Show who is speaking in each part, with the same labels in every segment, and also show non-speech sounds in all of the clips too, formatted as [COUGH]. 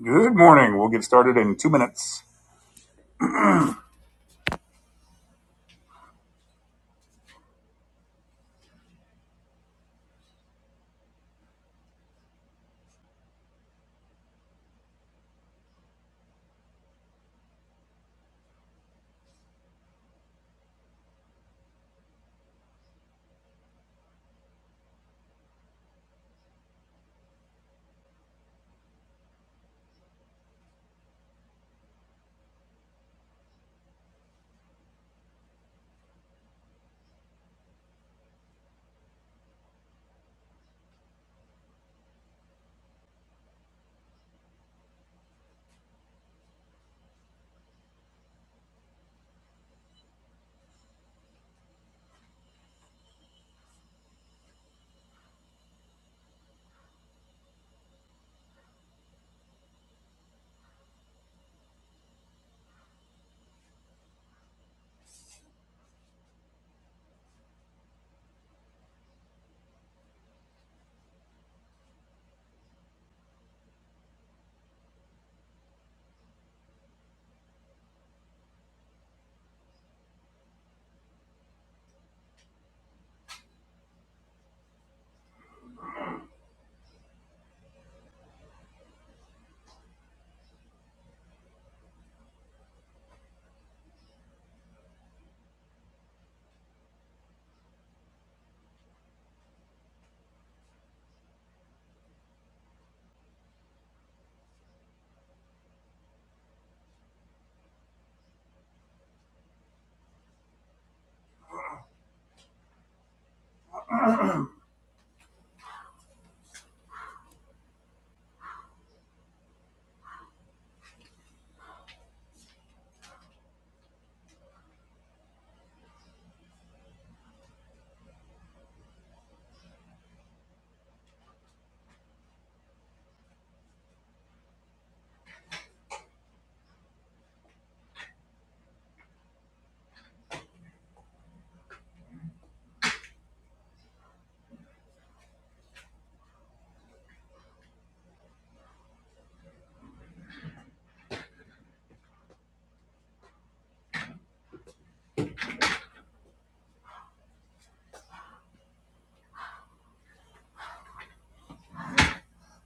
Speaker 1: Good morning. We'll get started in two minutes.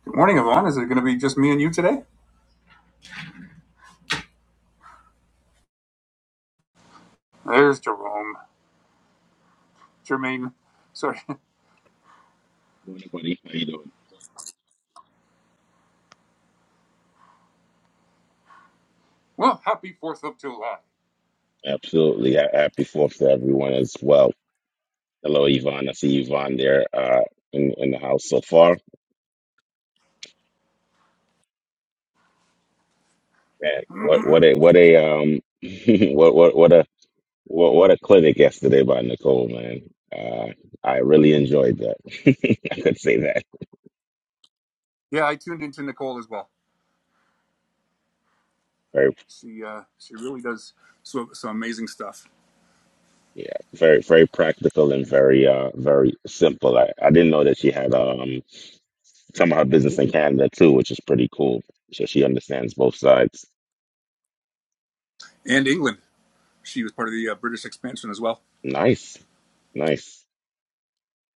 Speaker 1: Good morning, Yvonne. Is it going to be just me and you today? There's Jerome. Jermaine. Sorry. [LAUGHS]
Speaker 2: Morning, buddy. How you doing?
Speaker 1: Well, happy 4th of July.
Speaker 2: Absolutely. Ha- Happy Fourth to everyone as well. Hello, Yvonne. I see Yvonne there uh, in in the house so far. Man, what what a what a um [LAUGHS] what what what a what, what a clinic yesterday by Nicole, man. Uh, I really enjoyed that. [LAUGHS] I could say that.
Speaker 1: Yeah, I tuned into Nicole as well.
Speaker 2: Very
Speaker 1: She uh, she really does so, some amazing stuff.
Speaker 2: yeah, very very practical and very uh very simple. I, I didn't know that she had um some of her business in Canada too, which is pretty cool. So she understands both sides.
Speaker 1: And England. She was part of the uh, British expansion as well.
Speaker 2: Nice, nice.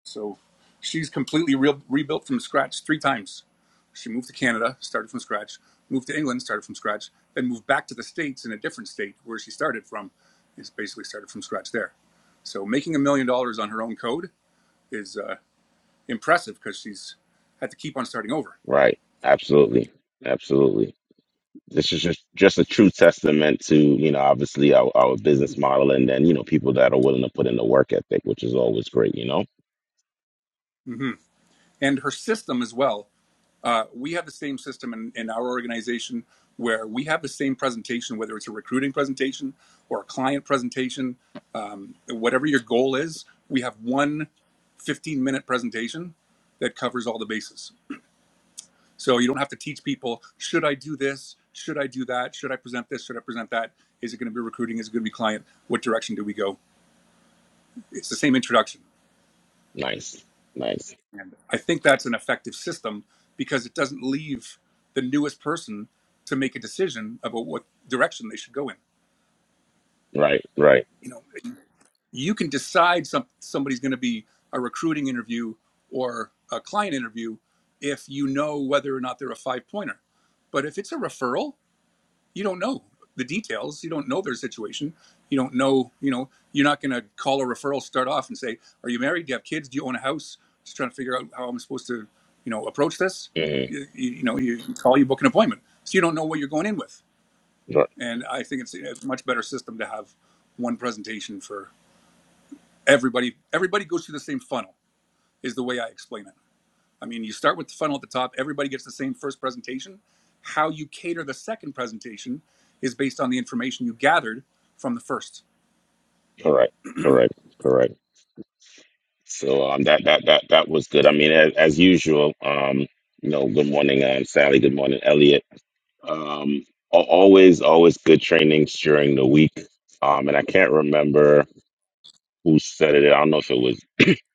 Speaker 1: So she's completely re- rebuilt from scratch three times. She moved to Canada, started from scratch, moved to England, started from scratch, then moved back to the States in a different state where she started from, is basically started from scratch there. So making a million dollars on her own code is uh, impressive because she's had to keep on starting over.
Speaker 2: Right. Absolutely. Absolutely. This is just, just a true testament to, you know, obviously our, our business model and then, you know, people that are willing to put in the work ethic, which is always great, you know?
Speaker 1: hmm And her system as well. Uh, we have the same system in, in our organization where we have the same presentation, whether it's a recruiting presentation or a client presentation, um, whatever your goal is, we have one 15 minute presentation that covers all the bases. So you don't have to teach people, should I do this? Should I do that? Should I present this? Should I present that? Is it going to be recruiting? Is it going to be client? What direction do we go? It's the same introduction.
Speaker 2: Nice. Nice.
Speaker 1: And I think that's an effective system because it doesn't leave the newest person to make a decision about what direction they should go in.
Speaker 2: Right. Right.
Speaker 1: You know, you can decide some, somebody's going to be a recruiting interview or a client interview if you know whether or not they're a five pointer. But if it's a referral, you don't know the details you don't know their situation you don't know you know you're not going to call a referral start off and say are you married do you have kids do you own a house just trying to figure out how i'm supposed to you know approach this
Speaker 2: Mm-hmm.
Speaker 1: you, you, you know you call you book an appointment so you don't know what you're going in with
Speaker 2: Right.
Speaker 1: and i think it's a much better system to have one presentation for everybody everybody goes through the same funnel is the way i explain it I mean, you start with the funnel at the top, everybody gets the same first presentation. How you cater the second presentation is based on the information you gathered from the first.
Speaker 2: Correct. Correct. Correct. So um that that that that was good. I mean as, as usual, um, you know, good morning, um Sally, good morning, Elliot. Um al- always, always good trainings during the week. Um and I can't remember who said it. I don't know if it was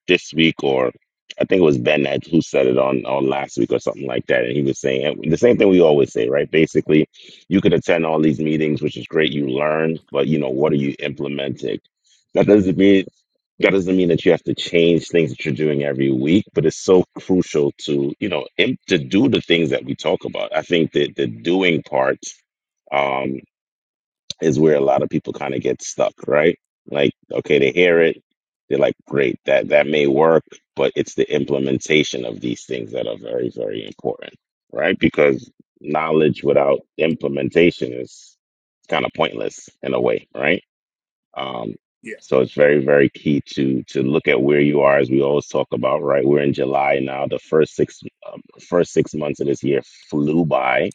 Speaker 2: this week, or I think it was Ben that who said it on on last week or something like that. And he was saying and the same thing we always say, right? Basically, you can attend all these meetings, which is great. You learn, but you know what are you implementing? That doesn't mean that doesn't mean that you have to change things that you're doing every week, but it's so crucial to you know im- to do the things that we talk about. I think that the doing part. um, is where a lot of people kind of get stuck, right? Like, okay, they hear it, they're like, great, that that may work, but it's the implementation of these things that are very, very important, right? Because knowledge without implementation is kind of pointless in a way, right? Um,
Speaker 1: Yeah.
Speaker 2: so it's very, very key to to look at where you are, as we always talk about, right? We're in July now. The first six um, first six months of this year flew by,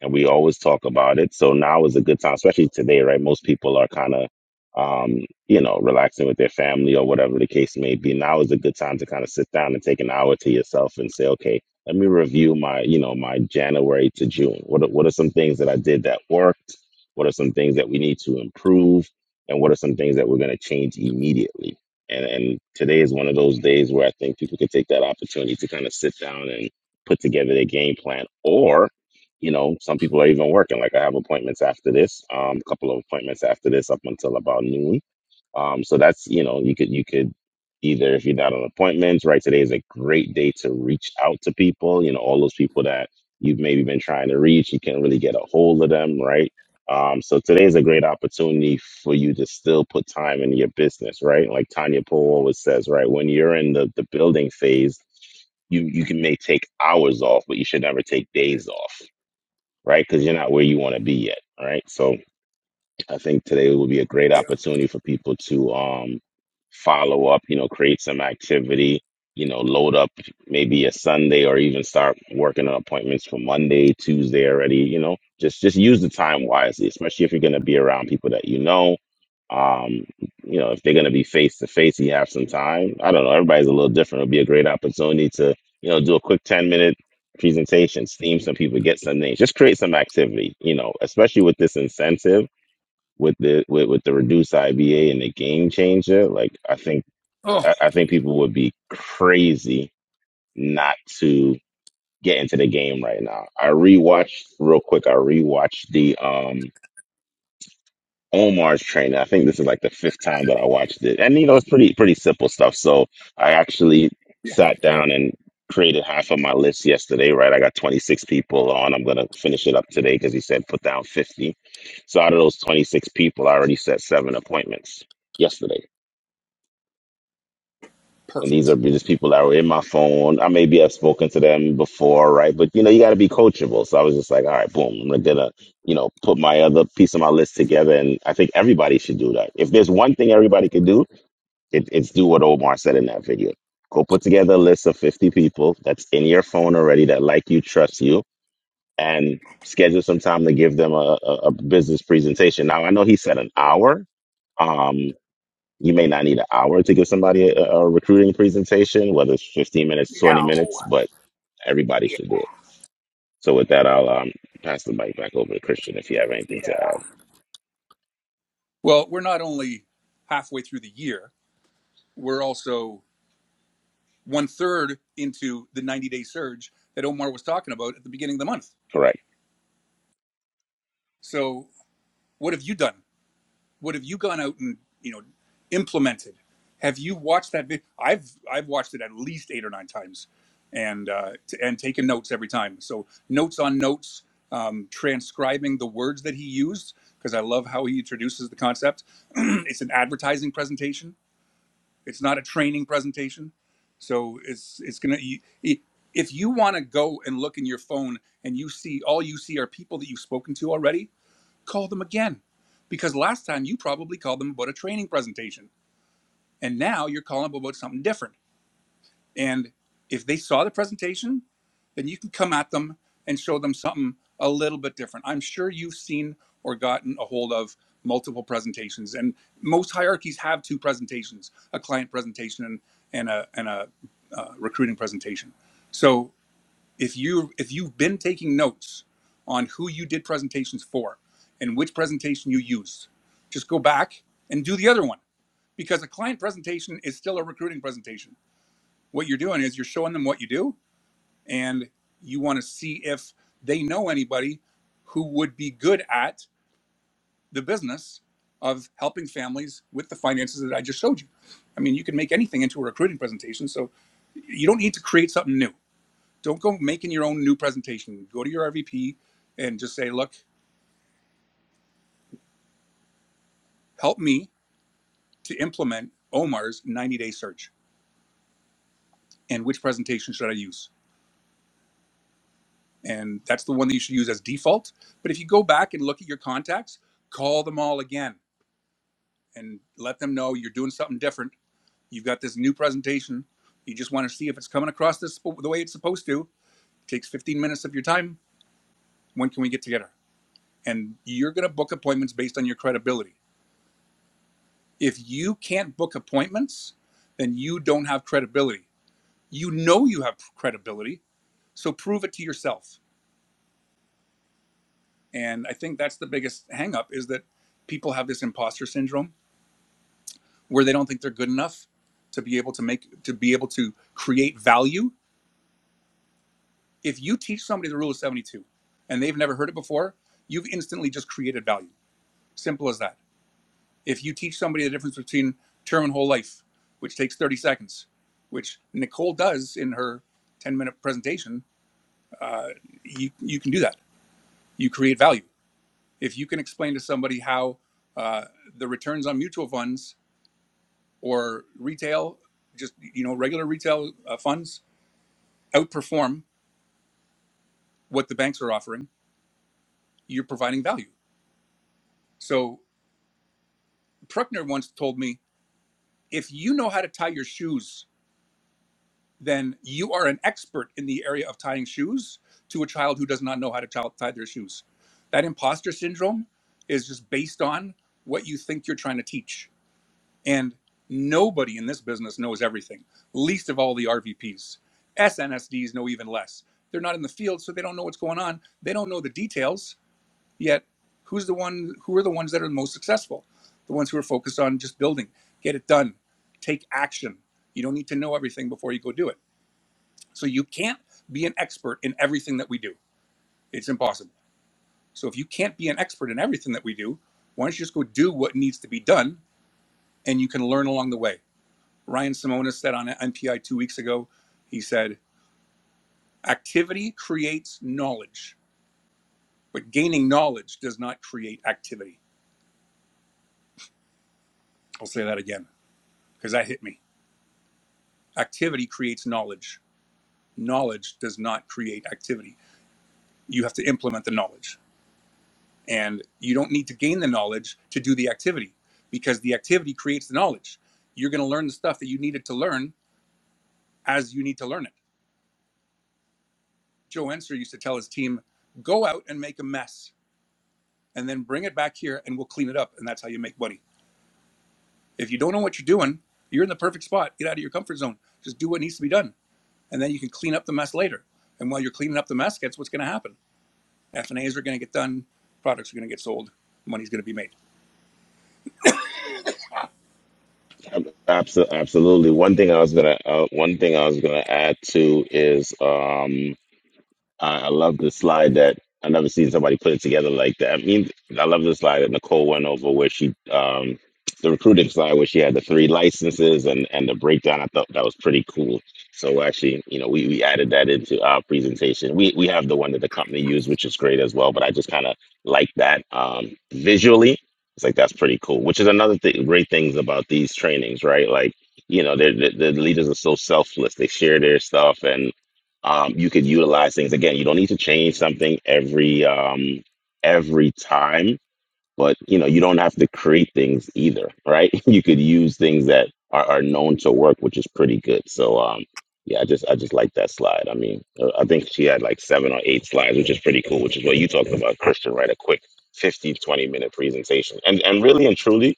Speaker 2: and we always talk about it. So now is a good time, especially today, right? Most people are kind of, um, you know, relaxing with their family or whatever the case may be. Now is a good time to kind of sit down and take an hour to yourself and say, okay, let me review my, you know, my January to June. What are, what are some things that I did that worked? What are some things that we need to improve? And what are some things that we're going to change immediately? And, and today is one of those days where I think people can take that opportunity to kind of sit down and put together their game plan. Or you know, some people are even working. Like I have appointments after this, um, a couple of appointments after this up until about noon. Um, so that's, you know, you could, you could either, if you're not on appointments, right, today is a great day to reach out to people, you know, all those people that you've maybe been trying to reach, you can't really get a hold of them, right? Um, so today is a great opportunity for you to still put time into your business, right? Like Tanya Poe always says, right, when you're in the, the building phase, you you can may take hours off, but you should never take days off, right? Because you're not where you want to be yet, right? So I think today will be a great
Speaker 1: Yeah.
Speaker 2: opportunity for people to um, follow up, you know, create some activity, you know, load up maybe a Sunday or even start working on appointments for Monday, Tuesday already, you know, just just use the time wisely, especially if you're going to be around people that you know um, you know, if they're going to be face to face, you have some time. I don't know. Everybody's a little different. It'll be a great opportunity to, you know, do a quick 10 minute presentation, steam some people, get some names, just create some activity, you know, especially with this incentive with the, with, with the reduced IBA and the game changer. Like, I think,
Speaker 1: Oh,
Speaker 2: I, I think people would be crazy not to get into the game right now. I rewatched real quick. I rewatched the, um. Omar's training. I think this is like the fifth time that I watched it, and you know it's pretty pretty simple stuff. So I actually
Speaker 1: yeah.
Speaker 2: sat down and created half of my list yesterday. Right, I got 26 people on. I'm gonna finish it up today because he said put down 50. So out of those 26 people, I already set seven appointments yesterday. And these
Speaker 1: Perfect.
Speaker 2: are just people that were in my phone. I maybe have spoken to them before, right? But you know, you got to be coachable. So I was just like, all right, boom, I'm gonna, you know, put my other piece of my list together. And I think everybody should do that. If there's one thing everybody could do, it, it's do what Omar said in that video. Go put together a list of 50 people that's in your phone already that like you, trust you, and schedule some time to give them a, a, a business presentation. Now I know he said an hour, Um, you may not need an hour to give somebody a, a recruiting presentation, whether it's 15 minutes, 20 minutes, but everybody should do it. So with that, I'll um, pass the mic back over to Christian if you have anything to add.
Speaker 1: Well, we're not only halfway through the year, we're also one third into the 90 day surge that Omar was talking about at the beginning of the month.
Speaker 2: Correct.
Speaker 1: So, what have you done? What have you gone out and you know implemented? Have you watched that video? I've I've watched it at least eight or nine times, and uh, t- and taken notes every time. So notes on notes, um, transcribing the words that he used because I love how he introduces the concept. [CLEARS THROAT] it's an advertising presentation. It's not a training presentation. So it's it's gonna. You, you- if you want to go and look in your phone and you see all you see are people that you've spoken to already, call them again because last time you probably called them about a training presentation and now you're calling them about something different and if they saw the presentation then you can come at them and show them something a little bit different i'm sure you've seen or gotten a hold of multiple presentations and most hierarchies have two presentations a client presentation and, a, and a uh, recruiting presentation so if you if you've been taking notes on who you did presentations for and which presentation you used just go back and do the other one because a client presentation is still a recruiting presentation what you're doing is you're showing them what you do and you want to see if they know anybody who would be good at the business of helping families with the finances that i just showed you i mean you can make anything into a recruiting presentation so you don't need to create something new don't go making your own new presentation. Go to your RVP and just say, look, help me to implement Omar's 90 day search and which presentation should I use? And that's the one that you should use as default. But if you go back and look at your contacts, call them all again and let them know you're doing something different. You've got this new presentation. You just want to see if it's coming across this the way it's supposed to. It takes 15 minutes of your time. When can we get together? And you're going to book appointments based on your credibility If you can't book appointments, then you don't have credibility. You know you have credibility, so prove it to yourself. And I think that's the biggest hangup is that people have this imposter syndrome where they don't think they're good enough to be able to make to be able to create value. If you teach somebody the rule of 72 and they've never heard it before, you've instantly just created value. Simple as that If you teach somebody the difference between term and whole life, which takes 30 seconds, which Nicole does in her 10 minute presentation, uh, you, you can do that. You create value. If you can explain to somebody how uh, the returns on mutual funds or retail, just you know regular retail uh, funds outperform what the banks are offering, you're providing value. So Pruckner once told me, if you know how to tie your shoes then you are an expert in the area of tying shoes to a child who does not know how to child tie their shoes. That imposter syndrome is just based on what you think you're trying to teach. And nobody in this business knows everything, least of all the RVPs. SNSD know even less. They're not in the field, so they don't know what's going on. They don't know the details, yet who's the one who are the ones that are the most successful? The ones who are focused on just building. Get it done. Take action. You don't need to know everything before you go do it so you can't be an expert in everything that we do. It's impossible. So if you can't be an expert in everything that we do, why don't you just go do what needs to be done and you can learn along the way? Ryan Simona said on NPI two weeks ago, he said, activity creates knowledge, but gaining knowledge does not create activity. I'll say that again because that hit me. Activity creates knowledge. Knowledge does not create activity. You have to implement the knowledge. And you don't need to gain the knowledge to do the activity because the activity creates the knowledge. You're going to learn the stuff that you needed to learn as you need to learn it. Joe Enser used to tell his team, go out and make a mess and then bring it back here and we'll clean it up. And that's how you make money. If you don't know what you're doing, you're in the perfect spot. Get out of your comfort zone. Just do what needs to be done. And then you can clean up the mess later. And while you're cleaning up the mess, guess what's going to happen? F&As are going to get done. Products are going to get sold. Money's going to be made.
Speaker 2: Ab- abso- absolutely. One thing I was gonna uh, one thing I was gonna add to is um, I, I love the slide that I never seen somebody put it together like that. I mean, I love the slide that Nicole went over where she, um, the recruiting slide where she had the three licenses and and the breakdown. I thought that was pretty cool. So actually, you know, we, we added that into our presentation. We we have the one that the company used, which is great as well. But I just kind of like that um, visually. It's like that's pretty cool. Which is another thing, great things about these trainings, right? Like you know, they're, the the leaders are so selfless. They share their stuff and um, you could utilize things again you don't need to change something every um, every time but you know you don't have to create things either right [LAUGHS] you could use things that are, are known to work which is pretty good so um, yeah i just i just like that slide i mean uh, i think she had like seven or eight slides which is pretty cool which is what you talked about christian right a quick 15 twenty minute presentation and and really and truly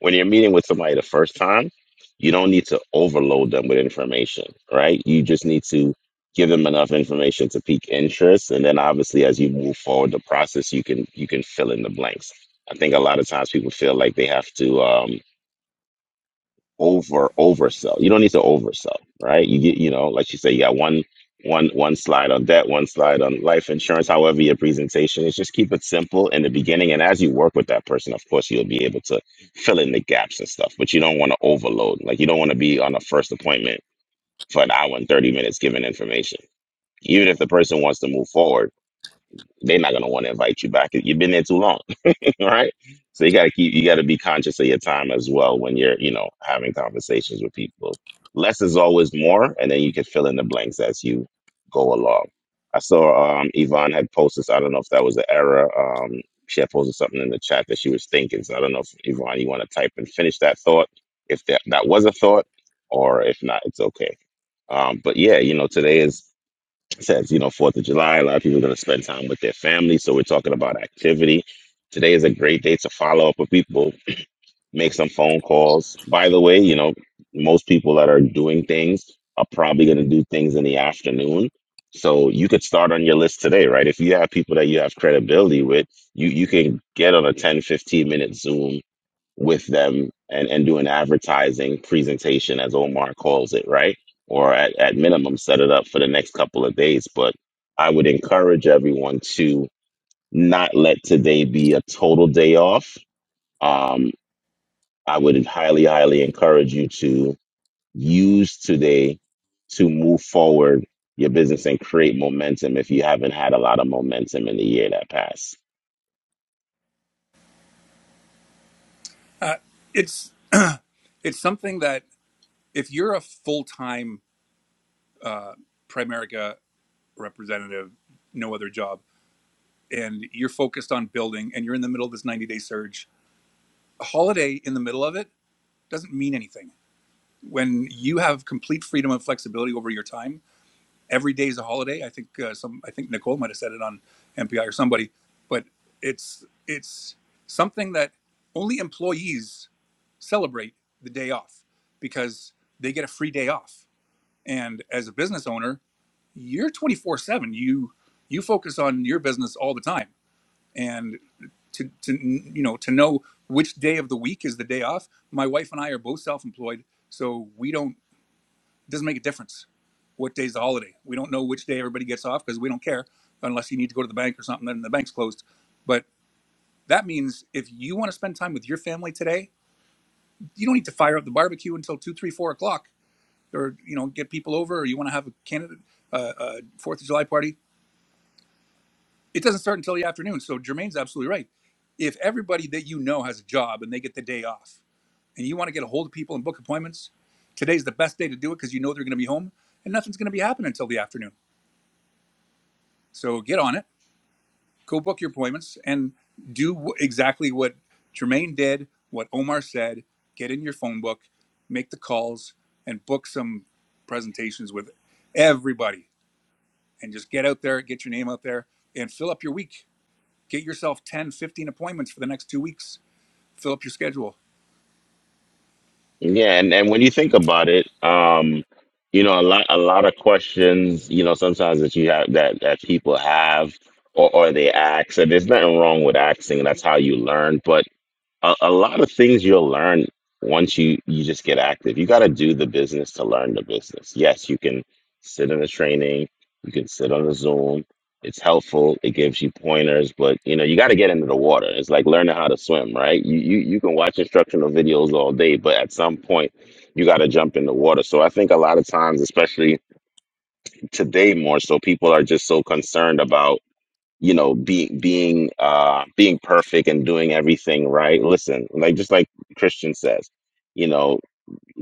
Speaker 2: when you're meeting with somebody the first time, you don't need to overload them with information, right? You just need to give them enough information to pique interest, and then obviously as you move forward the process, you can you can fill in the blanks. I think a lot of times people feel like they have to. um, over oversell. You don't need to oversell, right? You get, you know, like you say, you got one one one slide on debt, one slide on life insurance. However, your presentation is just keep it simple in the beginning, and as you work with that person, of course, you'll be able to fill in the gaps and stuff. But you don't want to overload. Like you don't want to be on a first appointment for an hour and thirty minutes giving information. Even if the person wants to move forward, they're not gonna want to invite you back. You've been there too long all right. So you got to keep, you got to be conscious of your time as well when you're, you know, having conversations with people. Less is always more, and then you can fill in the blanks as you go along. I saw um, Yvonne had posted, so I don't know if that was an error. Um, she had posted something in the chat that she was thinking. So I don't know if Yvonne, you want to type and finish that thought, if that, that was a thought, or if not, it's okay. Um, but yeah, you know, today is says, you know, Fourth of July, a lot of people are going to spend time with their family. So we're talking about activity. Today is a great day to follow up with people, make some phone calls. By the way, you know, most people that are doing things are probably going to do things in the afternoon. So you could start on your list today, right? If you have people that you have credibility with, you you can get on a 10 15 minute Zoom with them and, and do an advertising presentation, as Omar calls it, right? Or at, at minimum, set it up for the next couple of days. But I would encourage everyone to not let today be a total day off. Um, I would highly, highly encourage you to use today to move forward your business and create momentum if you haven't had a lot of momentum in the year that passed.
Speaker 1: Uh, it's, it's something that if you're a full time uh, Primerica representative, no other job, and you're focused on building and you're in the middle of this 90 day surge, a holiday in the middle of it doesn't mean anything. When you have complete freedom and flexibility over your time, every day is a holiday. I think uh, some, I think Nicole might have said it on MPI or somebody, but it's it's something that only employees celebrate the day off because they get a free day off And as a business owner, you're 24 seven. You, you focus on your business all the time. And to, to, you know, to know which day of the week is the day off. My wife and I are both self-employed. So we don't, it doesn't make a difference what day's the holiday. We don't know which day everybody gets off because we don't care unless you need to go to the bank or something, then the bank's closed. But that means if you want to spend time with your family today, you don't need to fire up the barbecue until two, three, four o'clock or you know get people over, or you want to have a candidate uh, uh, Fourth of July party, it doesn't start until the afternoon. So Jermaine's absolutely right. If everybody that you know has a job and they get the day off, and you want to get a hold of people and book appointments, today's the best day to do it because you know they're going to be home and nothing's going to be happening until the afternoon. So get on it, go book your appointments, and do w- exactly what Jermaine did, what Omar said. Get in your phone book, make the calls, and book some presentations with everybody and just get out there, get your name out there, and fill up your week. Get yourself 10, 15 appointments for the next two weeks. Fill up your schedule.
Speaker 2: Yeah, and, and when you think about it, um, you know, a lot a lot of questions, you know, sometimes that you have that that people have or, or they ask, and there's nothing wrong with asking, that's how you learn. But a, a lot of things you'll learn once you you just get active you got to do the business to learn the business yes you can sit in a training you can sit on a zoom it's helpful it gives you pointers but you know you got to get into the water it's like learning how to swim right you, you you can watch instructional videos all day but at some point you got to jump in the water so i think a lot of times especially today more so people are just so concerned about you know being being uh being perfect and doing everything right listen like just like christian says you know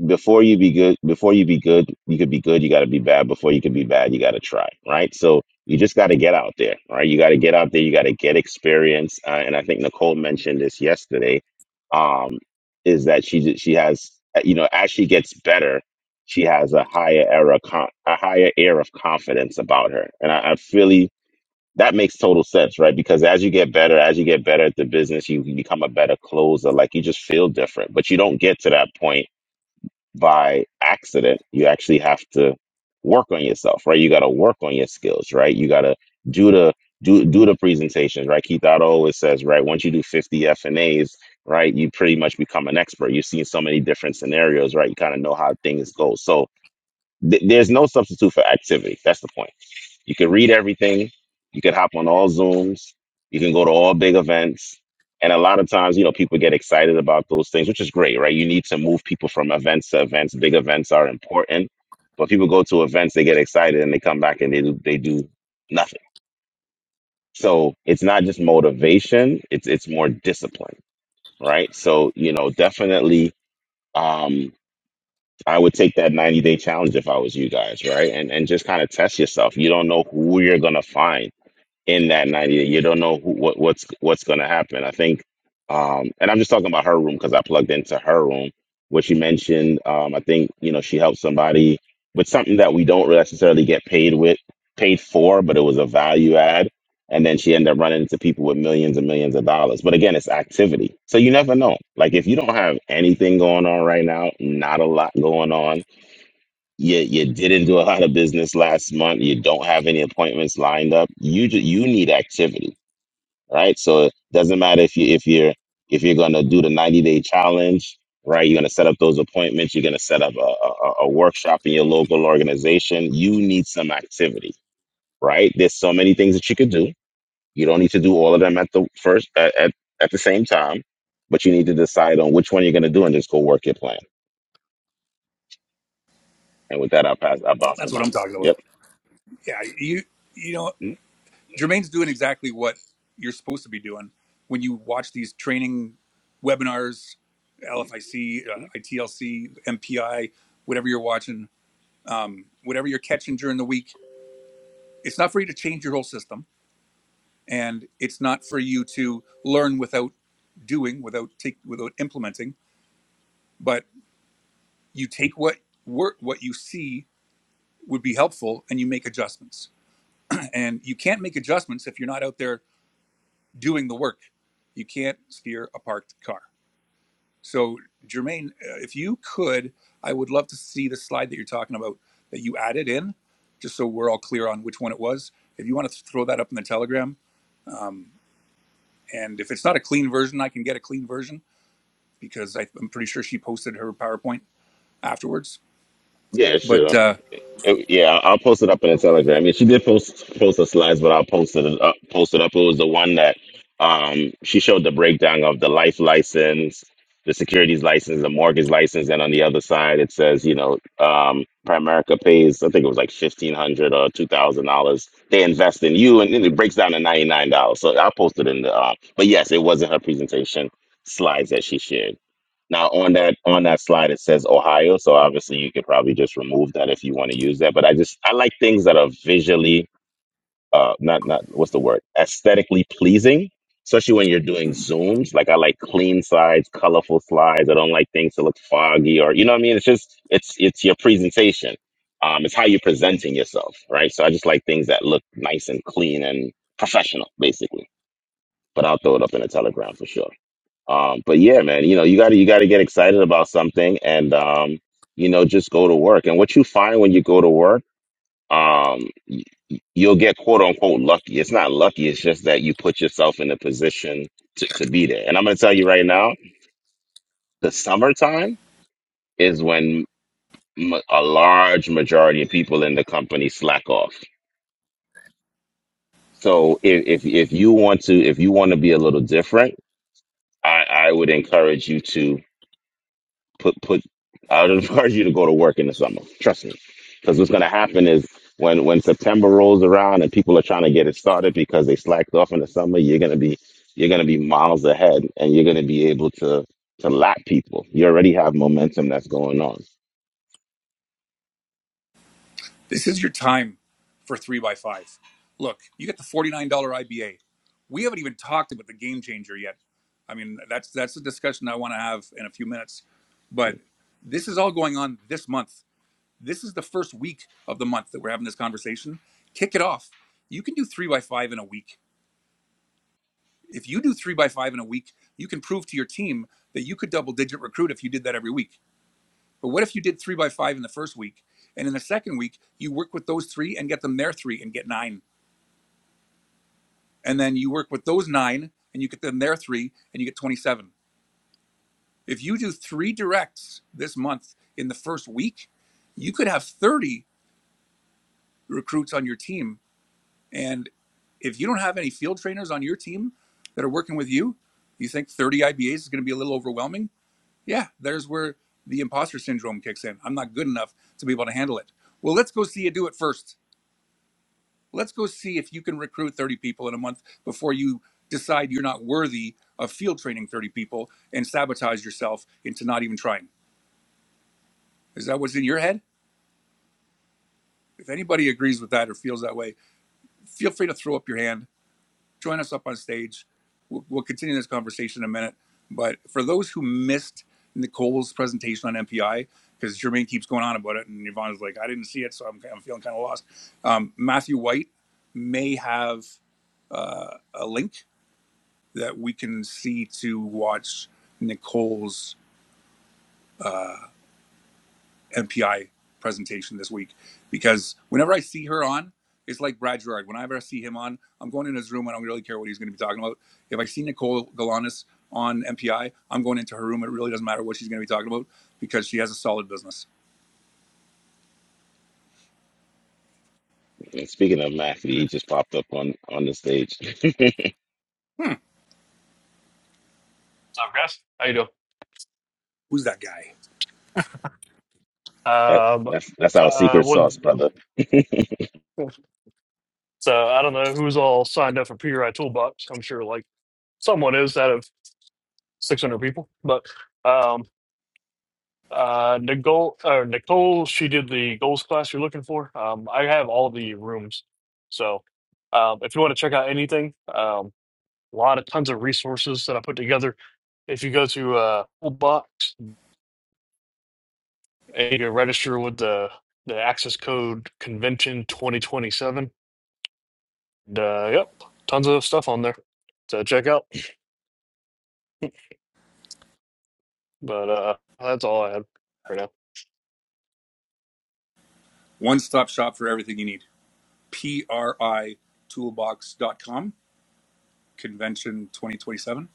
Speaker 2: before you be good before you be good you could be good you got to be bad before you could be bad you got to try right so you just got to get out there right you got to get out there you got to get experience uh, and i think nicole mentioned this yesterday um is that she did- she has uh, you know as she gets better she has a higher era con- a higher air of confidence about her and i, I really that makes total sense, right? Because as you get better, as you get better at the business, you, you become a better closer. Like you just feel different, but you don't get to that point by accident. You actually have to work on yourself, right? You got to work on your skills, right? You got to do the do do the presentations, right? Keith Otto always says, right? Once you do 50 F and A's, right, you pretty much become an expert. You've seen so many different scenarios, right? You kind of know how things go. So th- there's no substitute for activity. That's the point. You can read everything. You can hop on all Zooms. You can go to all big events. And a lot of times, you know, people get excited about those things, which is great, right? You need to move people from events to events. Big events are important, but people go to events, they get excited, and they come back and they do, they do nothing. So it's not just motivation; it's it's more discipline, right? So you know, definitely, um, I would take that 90 day challenge if I was you guys, right? And and just kind of test yourself. You don't know who you're gonna find in that 90 You don't know who, what, what's what's going to happen. I think, um, and I'm just talking about her room because I plugged into her room, where she mentioned, um, I think you know she helped somebody with something that we don't necessarily get paid with, paid for, but it was a value add, and then she ended up running into people with millions and millions of dollars. But again, it's activity, so you never know. Like if you don't have anything going on right now, not a lot going on you you didn't do a lot of business last month. You don't have any appointments lined up. You ju- you need activity, right? So it doesn't matter if you if you're if you're gonna do the 90 day challenge, right? You're gonna set up those appointments. You're gonna set up a, a, a workshop in your local organization. You need some activity, right? There's so many things that you could do. You don't need to do all of them at the first at at, at the same time, but you need to decide on which one you're gonna do and just go work your plan. And with that, I'll pass. I'll bounce the
Speaker 1: That's what
Speaker 2: mic.
Speaker 1: I'm talking about.
Speaker 2: Yep.
Speaker 1: Yeah, you you know, Jermaine's doing exactly what you're supposed to be doing when you watch these training webinars, LFIC, uh, ITLC, MPI, whatever you're watching, um, whatever you're catching during the week. It's not for you to change your whole system, and it's not for you to learn without doing, without take, without implementing. But you take what work what you see would be helpful and you make adjustments and you can't make adjustments if you're not out there doing the work you can't steer a parked car so jermaine uh, if you could i would love to see the slide that you're talking about that you added in just so we're all clear on which one it was if you want to throw that up in the telegram um, and if it's not a clean version i can get a clean version because I, i'm pretty sure she posted her powerpoint afterwards
Speaker 2: Yeah,
Speaker 1: but
Speaker 2: sure.
Speaker 1: uh,
Speaker 2: It- yeah, I'll post it up in the Telegram. Yeah, she did post post the slides, but I'll post it up. Post it up. It was the one that um she showed the breakdown of the life license, the securities license, the mortgage license, and on the other side it says you know um Primerica pays I think it was like fifteen hundred or two thousand dollars. They invest in you, and then it breaks down to ninety nine dollars. So I'll post it in the. Uh, but yes, it wasn't her presentation slides that she shared. Now on that on that slide it says Ohio, so obviously you could probably just remove that if you want to use that. But I just I like things that are visually uh not not what's the word aesthetically pleasing, especially when you're doing zooms. Like I like clean slides, colorful slides. I don't like things to look foggy or you know what I mean. It's just it's it's your presentation. Um, it's how you're presenting yourself, right? So I just like things that look nice and clean and professional, basically. But I'll throw it up in a Telegram for sure. Um, but yeah, man, you know, you gotta you gotta get excited about something and um, you know, just go to work. And what you find when you go to work, um, you'll get quote unquote lucky. It's not lucky, it's just that you put yourself in a position to, to be there. And I'm gonna tell you right now, the summertime is when m- a large majority of people in the company slack off. So if if, if you want to if you want to be a little different, I, I would encourage you to put put I would encourage [LAUGHS] you to go to work in the summer. Trust me, because what's going to happen is when when September rolls around and people are trying to get it started because they slacked off in the summer, you're going to be you're going to be miles ahead, and you're going to be able to to lap people. You already have momentum that's going on.
Speaker 1: This is your time for three by five. Look, you get the $49 IBA. We haven't even talked about the game changer yet. I mean, that's that's a discussion I want to have in a few minutes. But this is all going on this month. This is the first week of the month that we're having this conversation. Kick it off. You can do three by five in a week. If you do three by five in a week, you can prove to your team that you could double digit recruit if you did that every week. But what if you did three by five in the first week, and in the second week you work with those three and get them their three and get nine, and then you work with those nine and you get them their three and you get twenty-seven. If you do three directs this month in the first week, you could have thirty recruits on your team. And if you don't have any field trainers on your team that are working with you, you think thirty IBAs is going to be a little overwhelming? Yeah, there's where the imposter syndrome kicks in. I'm not good enough to be able to handle it. Well, let's go see you do it first Let's go see if you can recruit 30 people in a month before you decide you're not worthy of field training 30 people and sabotage yourself into not even trying. Is that what's in your head? If anybody agrees with that or feels that way, feel free to throw up your hand. Join us up on stage. We'll, we'll continue this conversation in a minute. But for those who missed Nicole's presentation on MPI, because Jermaine keeps going on about it, and Yvonne's like, I didn't see it, so I'm, I'm feeling kind of lost. Um, Matthew White may have uh, a link that we can see to watch Nicole's uh, MPI presentation this week because whenever I see her on, it's like Brad Gerard. Whenever I see him on, I'm going in his room. I don't really care what he's going to be talking about. If I see Nicole Galanis on MPI, I'm going into her room. It really doesn't matter what she's going to be talking about because she has a solid business.
Speaker 2: And speaking of Matthew, he just popped up on on the stage. [LAUGHS]
Speaker 1: Hmm,
Speaker 3: What's up, guys? How you doing?
Speaker 1: who's that guy?
Speaker 2: that
Speaker 3: Um,
Speaker 2: that's that's our
Speaker 3: uh,
Speaker 2: secret
Speaker 3: what?
Speaker 2: sauce, brother. [LAUGHS]
Speaker 3: So I don't know who's all signed up for PRI Toolbox. I'm sure like someone is out of 600 people. But um, uh, Nicole, uh, Nicole, she did the goals class you're looking for. Um, I have all the rooms, so um, if you want to check out anything, um, a lot of tons of resources that I put together. If you go to uh, Toolbox and you can register with the the access code convention 2027 And, uh, yep, tons of stuff on there to check out. But uh, that's all I had for now.
Speaker 1: One stop shop for everything you need. PRI Toolbox dot com convention 2027.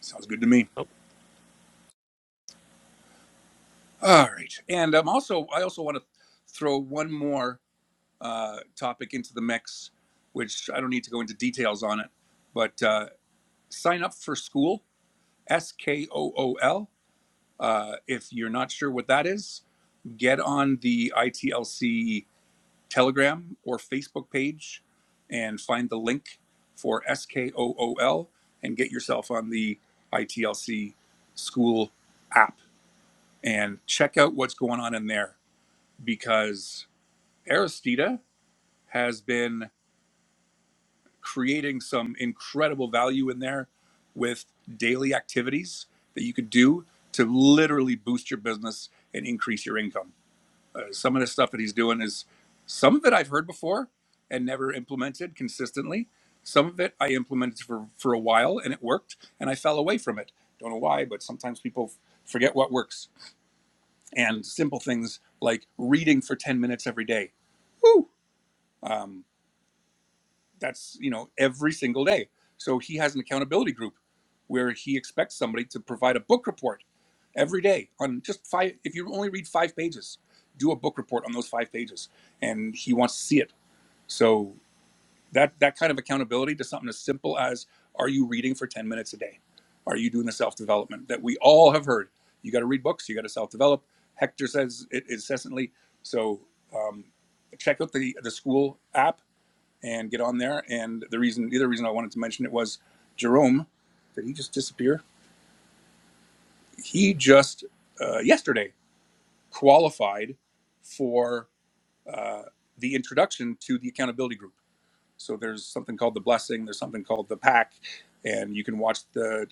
Speaker 1: Sounds good to me.
Speaker 3: Oh,
Speaker 1: All right, and um, also I also want to throw one more uh, topic into the mix, which I don't need to go into details on it, but uh, sign up for school S K O O L. Uh, if you're not sure what that is, get on the ITLC Telegram or Facebook page and find the link for S K O O L and get yourself on the ITLC School app and check out what's going on in there because Aristida has been creating some incredible value in there with daily activities that you could do to literally boost your business and increase your income. Uh, some of the stuff that he's doing is some of it I've heard before and never implemented consistently. Some of it I implemented for, for a while and it worked and I fell away from it. Don't know why, but sometimes people f- forget what works. And simple things like reading for 10 minutes every day. Woo! Um, that's you know every single day so he has an accountability group where he expects somebody to provide a book report every day on just five if you only read five pages do a book report on those five pages and he wants to see it so that that kind of accountability to something as simple as are you reading for 10 minutes a day are you doing the self-development that we all have heard you got to read books you got to self-develop hector says it incessantly so um, check out the the school app and get on there. And the reason, the other reason I wanted to mention it was Jerome. Did he just disappear? He just uh, yesterday qualified for uh, the introduction to the accountability group. So there's something called the blessing. There's something called the pack, and you can watch the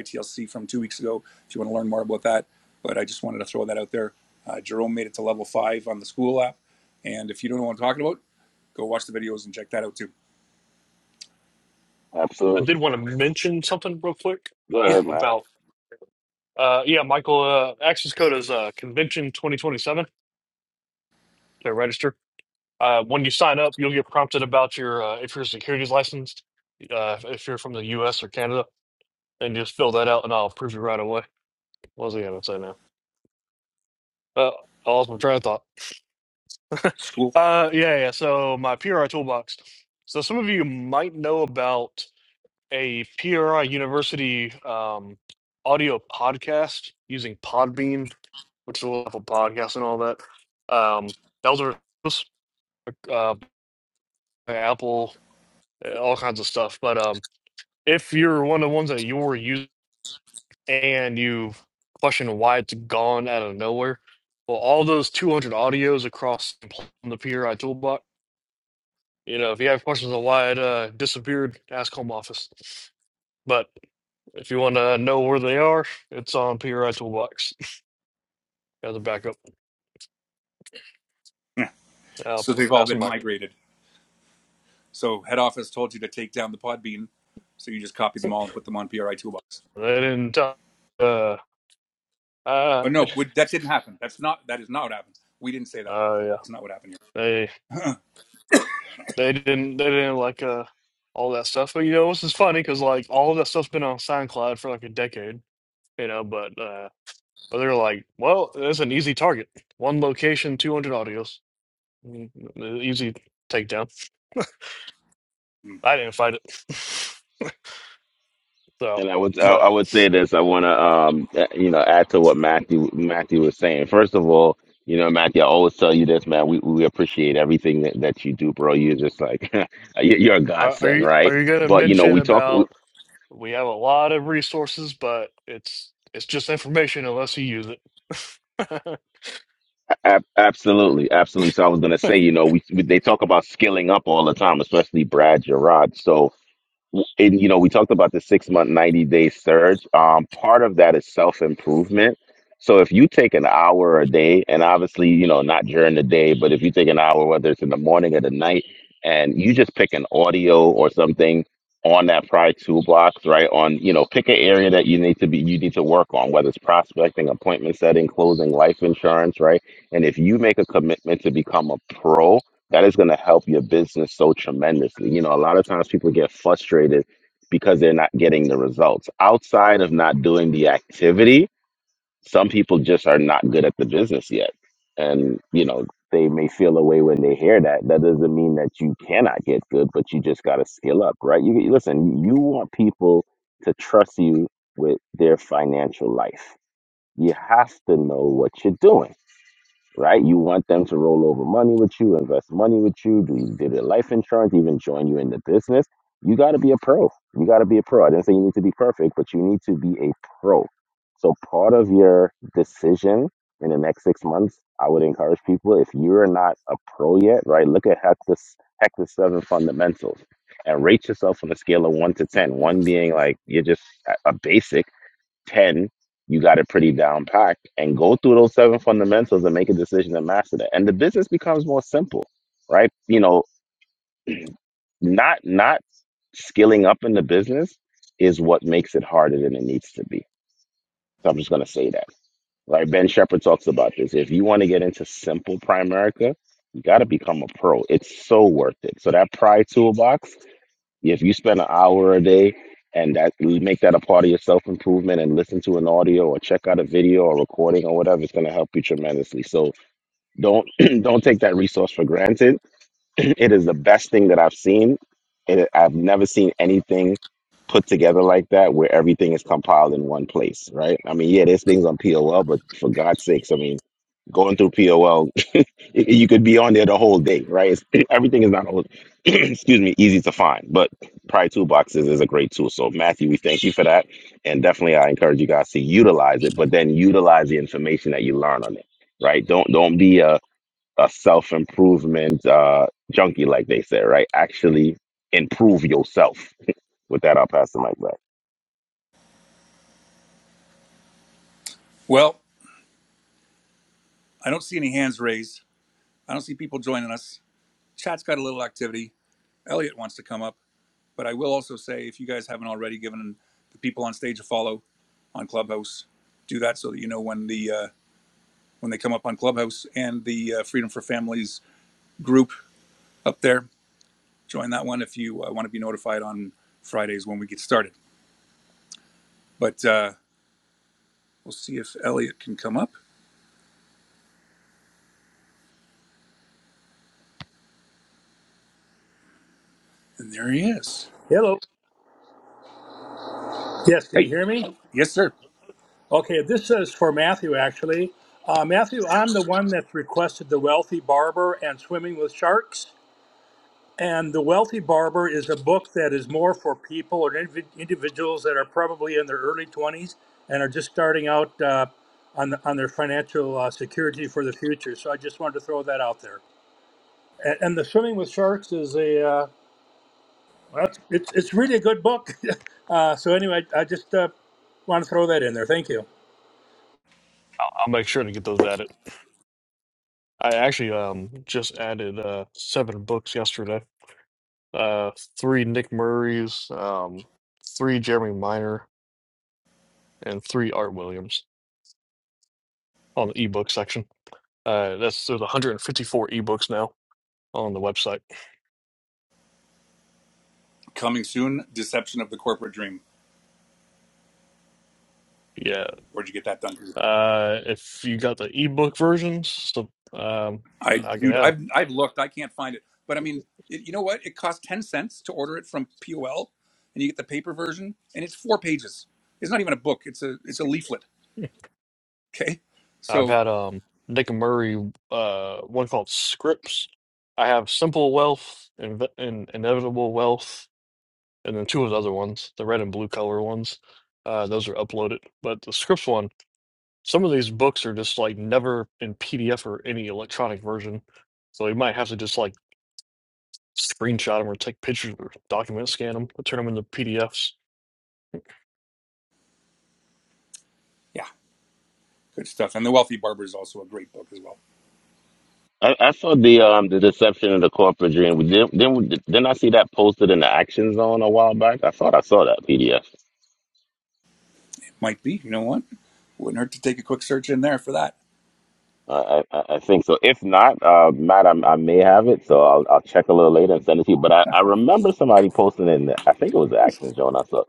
Speaker 1: ITLC from two weeks ago if you want to learn more about that. But I just wanted to throw that out there. Uh, Jerome made it to level five on the school app, and if you don't know what I'm talking about, go watch the videos and check that out too.
Speaker 3: I
Speaker 2: Absolutely.
Speaker 3: did want to mention something real quick
Speaker 2: Go
Speaker 1: Yeah,
Speaker 3: uh,
Speaker 2: ahead, Matthew.
Speaker 3: about uh, yeah, Michael. Uh, access code is uh, convention twenty twenty seven to register. Uh, when you sign up, you'll get prompted about your uh, if you're securities licensed, uh, if you're from the U.S. or Canada, and just fill that out, and I'll approve you right away. What was I going to say now? Uh, I lost my train of thought.
Speaker 1: school.
Speaker 3: Uh, yeah, yeah. So my PRI toolbox. So some of you might know about a PRI University um, audio podcast using Podbean, which is a level podcast and all that. Um, that was a uh, Apple, uh, all kinds of stuff. But um, if you're one of the ones that you were using and you question why it's gone out of nowhere, well, all those 200 audios across the PRI toolbox. You know, if you have questions on why it uh, disappeared, ask Home Office. But If you want to know where they are, it's on PRI Toolbox as a backup. I'll
Speaker 1: So they've all
Speaker 3: pass
Speaker 1: been
Speaker 3: them back.
Speaker 1: migrated. So head office told you to take down the Podbean, so you just copied them all and put them on PRI Toolbox.
Speaker 3: They didn't. tell- Uh, uh,
Speaker 1: Oh
Speaker 3: [LAUGHS] uh,
Speaker 1: no, we, that didn't happen. That's not that is not what happened. We didn't say that.
Speaker 3: yeah.
Speaker 1: That's not what happened
Speaker 3: They
Speaker 1: here. [LAUGHS]
Speaker 3: they didn't they didn't like uh all that stuff. But you know, this is funny because like all of that stuff's been on SoundCloud for like a decade. You know, but uh, but they're like, well, that's an easy target. One location, two hundred audios, Mm, easy takedown.
Speaker 1: Mm.
Speaker 3: I didn't fight it, [LAUGHS] so.
Speaker 2: And I would I
Speaker 3: But
Speaker 2: I would say this. I want to um uh, you know add to what Matthew Matthew was saying. First of all, you know Matthew, I always tell you this, man. We we appreciate everything that, that you do, bro. You're just like [LAUGHS] you- you're a
Speaker 3: are, are
Speaker 2: godsend,
Speaker 3: you
Speaker 2: right?
Speaker 3: are you gonna
Speaker 2: But you know
Speaker 3: mention
Speaker 2: we talk we,
Speaker 3: about? We have a lot of resources, but it's it's just information unless you use it. [LAUGHS] I'll
Speaker 2: ab- absolutely, absolutely. So I was gonna say, you know, we, we they talk about skilling up all the time, especially Brad Gerard. So and you know we talked about the six month 90 day surge um, part of that is self improvement so if you take an hour a day and obviously you know not during the day but if you take an hour whether it's in the morning or the night and you just pick an audio or something on that prior toolbox right on you know pick an area that you need to be you need to work on whether it's prospecting appointment setting closing life insurance right and if you make a commitment to become a pro that is going to help your business so tremendously. You know, a lot of times people get frustrated because they're not getting the results. Outside of not doing the activity, some people just are not good at the business yet. And, you know, they may feel a way when they hear that. That doesn't mean that you cannot get good, but you just got to skill up, right? You you- listen, you want people to trust you with their financial life. You have to know what you're doing right? You want them to roll over money with you, invest money with you, do, do their life insurance, even join you in the business. You got to be a pro. You got to be a pro. I didn't say you need to be perfect, but you need to be a pro. So part of your decision in the next six months, I would encourage people if you're not a pro yet, right? Look at Hector Hector Seven Fundamentals and rate yourself on a scale of one to ten. One being like you're just a a basic 10, you got it pretty down packed and go through those seven fundamentals and make a decision and master that. And the business becomes more simple, right? You know, not not skilling up in the business is what makes it harder than it needs to be. So I'm just gonna say that. Right. Ben Shepherd talks about this. If you want to get into simple Primerica, you gotta become a pro. It's so worth it. So that pride toolbox yeah, If you spend an hour a day and that make that a part of your self improvement and listen to an audio or check out a video or recording or whatever, it's going to help you tremendously. So don't [CLEARS THROAT] don't take that resource for granted. [CLEARS THROAT] it is the best thing that I've seen. It, I've never seen anything put together like that where everything is compiled in one place, right? I mean, yeah, there's things on POL, but for God's sakes, I mean, going through POL Y- You could be on there the whole day, right? It's, [CLEARS THROAT] everything is not all, [CLEARS THROAT] excuse me, easy to find, but Pride Toolboxes is a great tool. So, Matthew, we thank you for that. And definitely, I encourage you guys to utilize it, but then utilize the information that you learn on it, right? Don't don't be a, a self improvement uh, junkie, like they say, right? Actually, improve yourself. With that, I'll pass the mic back.
Speaker 1: well, I don't see any hands raised. I don't see people joining us. Chat's got a little activity. Elliot wants to come up, but I will also say if you guys haven't already given the people on stage a follow on Clubhouse, do that so that you know when the uh, when they come up on Clubhouse and the uh, Freedom for Families group up there join that one if you uh, want to be notified on Fridays when we get started. But uh, we'll see if Elliot can come up. And there he is.
Speaker 4: Hello. Yes, can you
Speaker 1: Hey,
Speaker 4: hear me?
Speaker 1: yes, sir.
Speaker 4: Okay, this is for Matthew, actually. Uh, Matthew, I'm the one that requested The Wealthy Barber and Swimming with Sharks. And The Wealthy Barber is a book that is more for people or indiv- individuals that are probably in their early 20s and are just starting out uh, on, the, on their financial uh, security for the future. So I just wanted to throw that out there. And, and The Swimming with Sharks is a, uh, well, it's, it's it's really a good book. [LAUGHS] uh, so anyway, I I just uh, want to throw that in there. Thank you.
Speaker 3: make sure to get those added. I actually um just added uh seven books yesterday. Uh three Nick Murray's, um three Jeremy Minor, and three Art Williams on the ebook section. Uh that's there's 154 ebooks now on the website.
Speaker 1: Coming soon. Deception of the corporate dream.
Speaker 3: Yeah.
Speaker 1: Where'd you get that done?
Speaker 3: Uh if you got the ebook versions, so um
Speaker 1: I,
Speaker 3: I can
Speaker 1: dude,
Speaker 3: add
Speaker 1: I've I've looked. I can't find it. But I mean, it, you know what? It costs ten cents to order it from POL, and you get the paper version, and it's four pages. It's not even a book. It's a it's a
Speaker 3: them.
Speaker 1: leaflet. Okay,
Speaker 3: I've
Speaker 1: so
Speaker 3: had um Nick Murray uh one called Scripts. I have Simple Wealth and, and Inevitable Wealth, and then two of the other ones, the red and blue color ones. Uh, those are uploaded. But the Scripts one, some of these books are just like never in PDF or any electronic version, so you might have to just like screenshot them or take pictures or document scan them, turn them into PDFs.
Speaker 1: yeah, good stuff. And the Wealthy Barber is also a great book as well.
Speaker 2: I, I saw the um the deception of the corporate dream. Didn't, didn't, didn't I see that posted in the action zone a while back? I thought I saw that PDF.
Speaker 1: Might be. You know what? Wouldn't hurt to take a quick search in there for that.
Speaker 2: I, I I think so. If not, uh, Matt, I, I may have it, so I'll, I'll check a little later and send it to you. But I, I remember somebody posting in, I think it was the Action Zone. I saw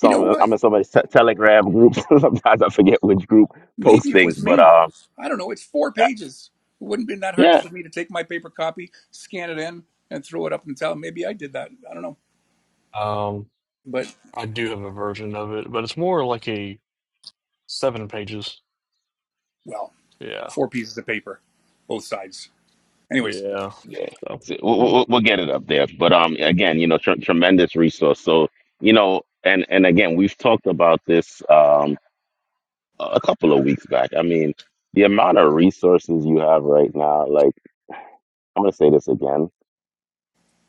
Speaker 1: You know what?
Speaker 2: I'm in somebody's te- Telegram group. [LAUGHS] Sometimes I forget which group posts
Speaker 1: Maybe it
Speaker 2: things,
Speaker 1: was
Speaker 2: but
Speaker 1: me.
Speaker 2: um,
Speaker 1: I don't know. It's four
Speaker 2: uh,
Speaker 1: pages. It wouldn't have been that hard
Speaker 2: yeah,
Speaker 1: for me to take my paper copy, scan it in, and throw it up and tell. Maybe I did that. I don't know.
Speaker 3: Um,
Speaker 1: But,
Speaker 3: I do have a version of it, but it's more like a seven pages.
Speaker 1: well,
Speaker 3: Yeah.
Speaker 1: four pieces of paper, both sides. Anyways,
Speaker 3: Yeah.
Speaker 2: yeah,
Speaker 3: So.
Speaker 2: So we'll,
Speaker 3: all
Speaker 2: we'll we'll get it up there. But um, again, you know, tr tremendous resource. So you know, and and again, we've talked about this um a couple of weeks back. I mean, the amount of resources you have right now, like. I'm gonna say this again.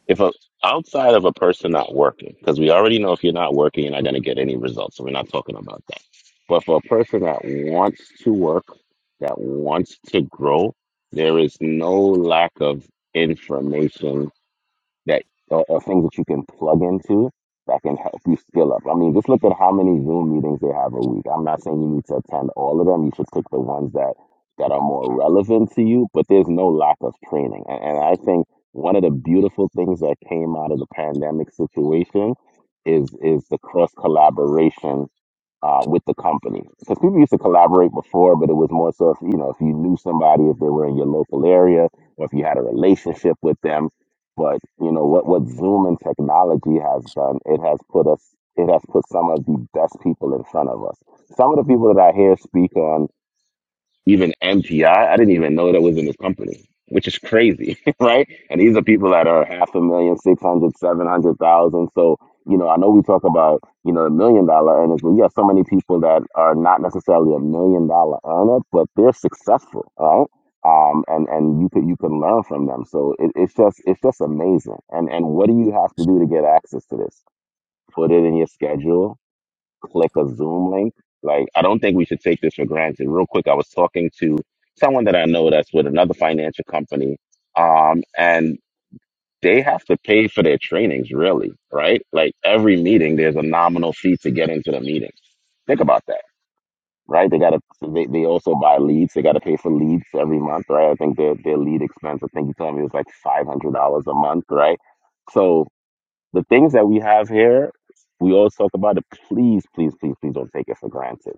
Speaker 2: if a outside of a person not working, because we already know if you're not working, you're not going to get any results. So we're not talking about that. But for a person that wants to work, that wants to grow, there is no lack of information that or, or things that you can plug into that can help you skill up. I mean, just look at how many Zoom meetings they have a week. I'm not saying you need to attend all of them. You should pick the ones that that are more relevant to you. But there's no lack of training, and, and I think one of the beautiful things that came out of the pandemic situation is is the cross collaboration uh, with the company. Because people used to collaborate before, but it was more so if you know if you knew somebody, if they were in your local area, or if you had a relationship with them. But you know what what Zoom and technology has done, it has put us it has put some of the best people in front of us. Some of the people that I hear speak on even MTI. I I didn't even know that was in his company, which is crazy, [LAUGHS] right? And these are people that are half a million, six hundred, seven hundred thousand. So, you know, I know we talk about, you know, a million dollar earners, but we have so many people that are not necessarily a million dollar earner, but they're successful, all right? Um, and, and you can you can learn from them. So it, it's just it's just amazing. And and what do you have to do to get access to this? Put it in your schedule click a Zoom link. Like, I don't think we should take this for granted. Real quick, I was talking to someone that I know that's with another financial company, um, and they have to pay for their trainings, really, right? Like every meeting, there's a nominal fee to get into the meeting. Think about that, right? They got to. They, they also buy leads. They got to pay for leads every month, right? I think their their lead expense. I think you told me it was like five hundred dollars a month, right? So the things that we have here, we always talk about it. Please, please, please, please don't take it for granted.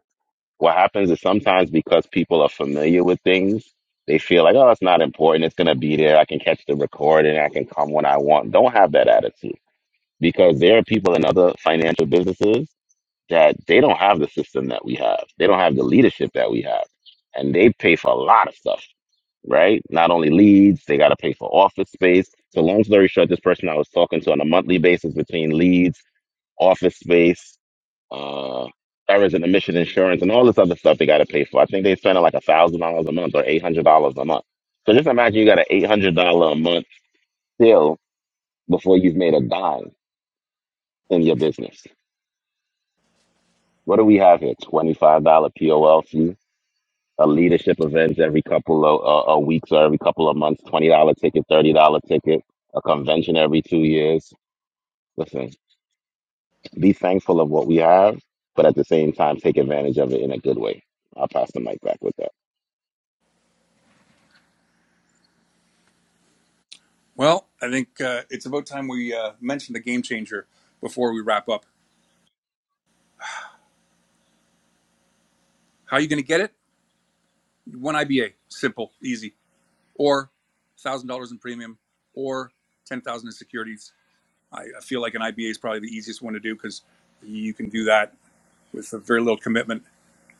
Speaker 2: What happens is sometimes because people are familiar with things, they feel like, oh, it's not important. It's going to be there. I can catch the recording. I can come when I want. Don't have that attitude because there are people in other financial businesses that they don't have the system that we have. They don't have the leadership that we have. And they pay for a lot of stuff, right? Not only leads, they got to pay for office space. So, long story short, this person I was talking to on a monthly basis between leads office space, uh, errors and emission insurance, and all this other stuff they got to pay for. I think they spend like a thousand dollars a month or eight hundred dollars a month. So just imagine you got an eight hundred dollar a month bill before you've made a dime in your business. What do we have here? Twenty five dollar POL fee, a leadership event every couple of uh, uh, weeks or every couple of months, twenty dollar ticket, thirty dollar ticket, a convention every two years. Listen, Be thankful of what we have, but at the same time, take advantage of it in a good way. I'll pass the mic back with that.
Speaker 1: well, I think uh, it's about time we uh, mention the game changer before we wrap up. How are you going to get it? One IBA. Simple, easy. Or $1,000 in premium, or 10000 in securities I, I feel like an IBA is probably the easiest one to do because you can do that with a very little commitment,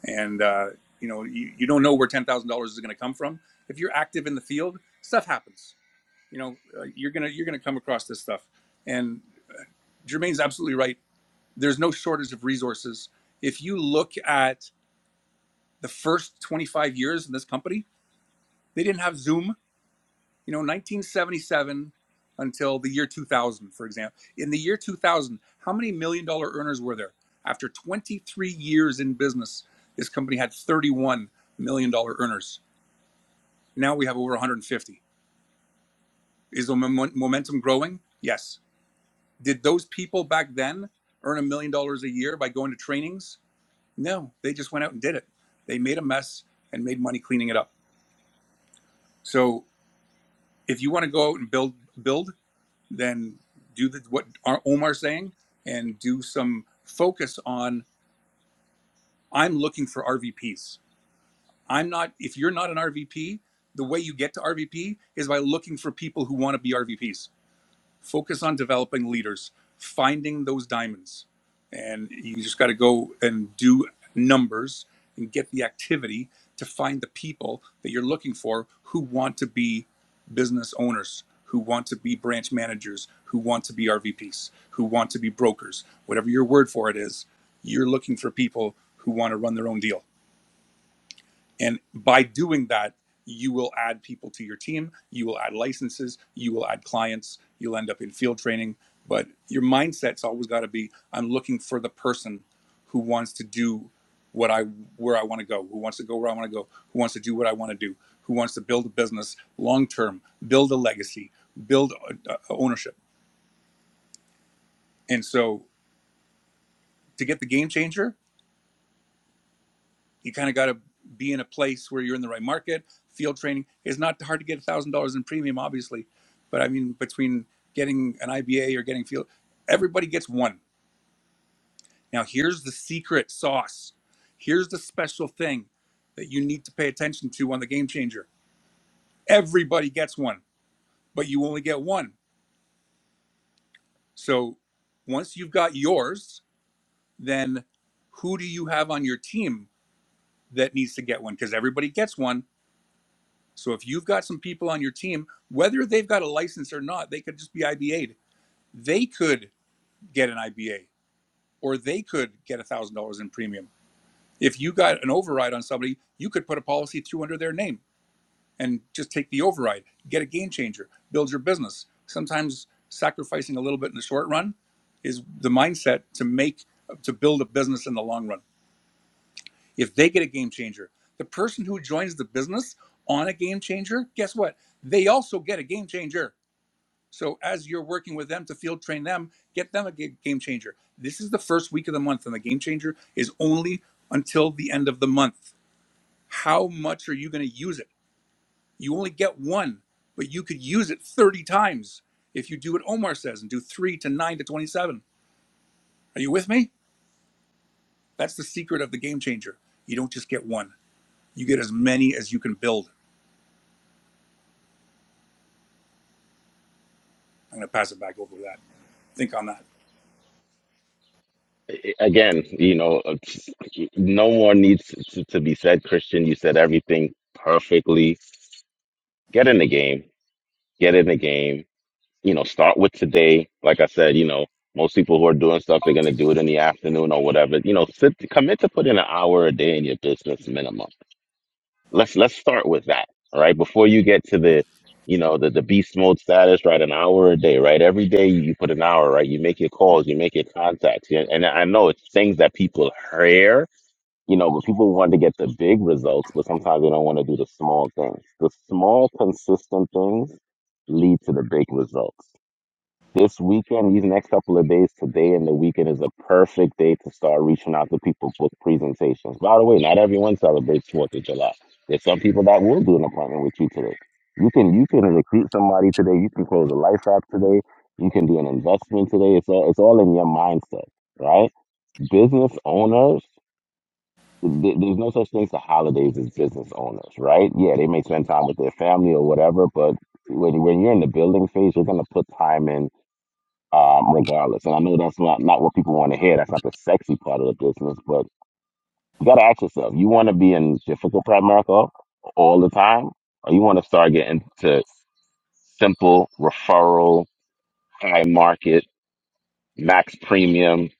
Speaker 1: and uh, you know you, you don't know where ten thousand dollars is going to come from. If you're active in the field, stuff happens. You know uh, you're gonna you're gonna come across this stuff. And Jermaine's absolutely right. There's no shortage of resources. If you look at the first 25 years in this company, they didn't have Zoom you know 1977 until the year 2000 for example in the year 2000 how many million dollar earners were there after 23 years in business this company had 31 million dollar earners now we have over 150 is the mom- momentum growing yes did those people back then earn a million dollars a year by going to trainings no they just went out and did it they made a mess and made money cleaning it up so if you want to go out and build build then do the, what Omar's saying and do some focus on I'm looking for RVPs. I'm not, if you're not an RVP, the way you get to RVP is by looking for people who want to be RVPs Focus on developing leaders, finding those diamonds. And you just got to go and do numbers and get the activity to find the people that you're looking for who want to be business owners, who want to be branch managers, who want to be RVPs, who want to be brokers, whatever your word for it is. You're looking for people who want to run their own deal and by doing that, you will add people to your team, you will add licenses, you will add clients, you'll end up in field training. But your mindset's always got to be I'm looking for the person who wants to do what I where I want to go, who wants to go where I want to go, who wants to do what I want to do, who wants to build a business long term, build a legacy, build uh, ownership. And so to get the game changer, you kind of got to be in a place where you're in the right market. Field training is not hard to get a thousand dollars in premium, obviously, but I mean between getting an IBA or getting field, everybody gets one. Now here's the secret sauce. Here's the special thing that you need to pay attention to on the game changer. Everybody gets one, but you only get one. So once you've got yours, then who do you have on your team that needs to get one? Because everybody gets one So if you've got some people on your team, whether they've got a license or not, they could just be IBA'd. They could get an IBA or they could get $1,000 in premium. If you got an override on somebody, you could put a policy through under their name and just take the override, get a game changer, build your business. Sometimes sacrificing a little bit in the short run is the mindset to make to build a business in the long run. If they get a game changer, the person who joins the business on a game changer, guess what? They also get a game changer So as you're working with them to field train them, get them a ga- game changer. This is the first week of the month, and the game changer is only until the end of the month. How much are you going to use it? You only get one, but you could use it 30 times if you do what Omar says and do three to nine to 27. Are you with me? That's the secret of the game changer. You don't just get one, you get as many as you can build. I'm going to pass it back over to that. Think on that.
Speaker 2: I- Again, you know, uh, no more needs to, to be said, Christian. You said everything perfectly. Get in the game. Get in the game. You know, start with today. Like I said, you know, most people who are doing stuff, they're going to do it in the afternoon or whatever. You know, sit, commit to put in an hour a day in your business minimum let's let's start with that all right before you get to the you know the, the beast mode status right an hour a day right every day you put an hour right you make your calls you make your contacts yeah, and i know it's things that people hear you know but people want to get the big results but sometimes they don't want to do the small things the small consistent things lead to the big results this weekend, these next couple of days, today and the weekend is a perfect day to start reaching out to people with presentations. By the way, not everyone celebrates Fourth of July. There's some people that will do an appointment with you today. You can you can recruit somebody today. You can close a life app today. You can do an investment today. It's all it's all in your mindset, right? Business owners. th- There's no such thing as holidays as business owners, right? Yeah, they may spend time with their family or whatever, but when when you're in the building phase, you're gonna put time in um, regardless. And I know that's not, not what people want to hear. That's not the sexy part of the business, but you got to ask yourself, you want to be in difficult part of America all the time, or you want to start getting to simple referral, high market, max premium,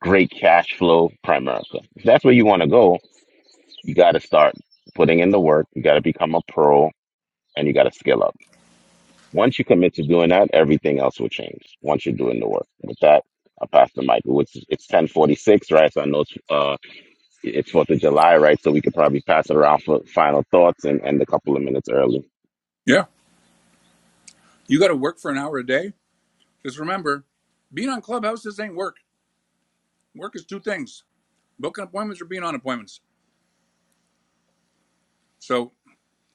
Speaker 2: great cash flow prime America. If that's where you want to go, you got to start putting in the work. You got to become a pro and you got to scale up. Once you commit to doing that, everything else will change. Once you're doing the work. With that, I'll pass the mic. It's it's ten forty six, right? So I know it's uh it's Fourth of July, right? So we could probably pass it around for final thoughts and end a couple of minutes early.
Speaker 1: Yeah. You got to work for an hour a day. Because remember, being on Clubhouse, this ain't work Work is two things booking appointments or being on appointments. So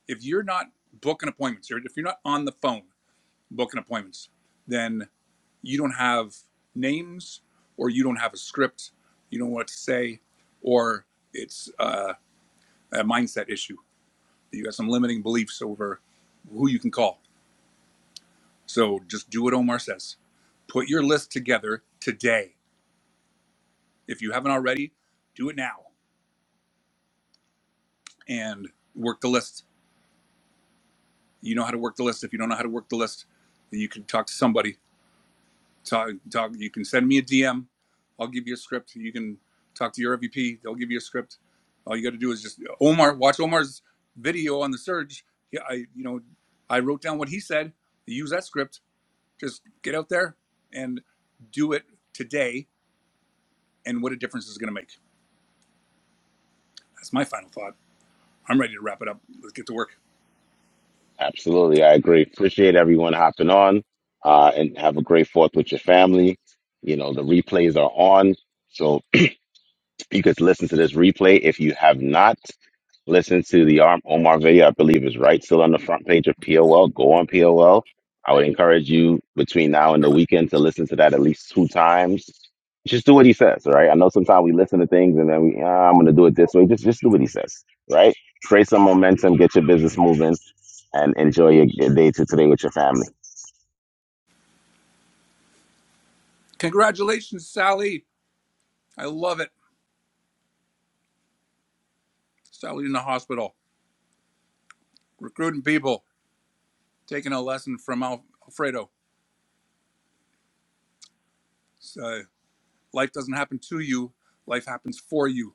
Speaker 1: if you're not booking appointments, or if you're not on the phone booking appointments, then you don't have names or you don't have a script, you don't know what to say, or it's uh, a mindset issue. You got some limiting beliefs over who you can call. So just do what Omar says. Put your list together today. If you haven't already, do it now and work the list. You know how to work the list. If you don't know how to work the list, then you can talk to somebody. Talk, talk. You can send me a DM. I'll give you a script. You can talk to your MVP. They'll give you a script. All you got to do is just Omar. Watch Omar's video on the surge. Yeah, I you know, I wrote down what he said. Use that script. Just get out there and do it today. And what a difference it's going to make. That's my final thought. I'm ready to wrap it up. Let's get to work.
Speaker 2: Absolutely, I agree. Appreciate everyone hopping on, uh, and have a great Fourth with your family. You know the replays are on, so You could listen to this replay if you have not listened to the Arm Omar video. I believe is right still on the front page of POL. Go on POL. I would encourage you between now and the weekend to listen to that at least two times. Just do what he says, right? I know sometimes we listen to things and then we, ah, I'm going to do it this way. Just, just do what he says, right? Create some momentum, get your business moving, and enjoy your your day to today with your family.
Speaker 1: Congratulations, Sally. I love it. Sally in the hospital recruiting people. taking a lesson from Al- Alfredo. Uh, life doesn't happen to you, life happens for you.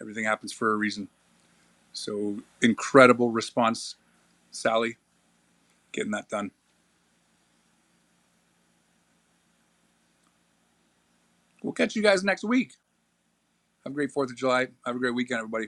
Speaker 1: Everything happens for a reason. So incredible response, Sally, getting that done. We'll catch you guys next week. Have a great 4th of July. Have a great weekend, everybody.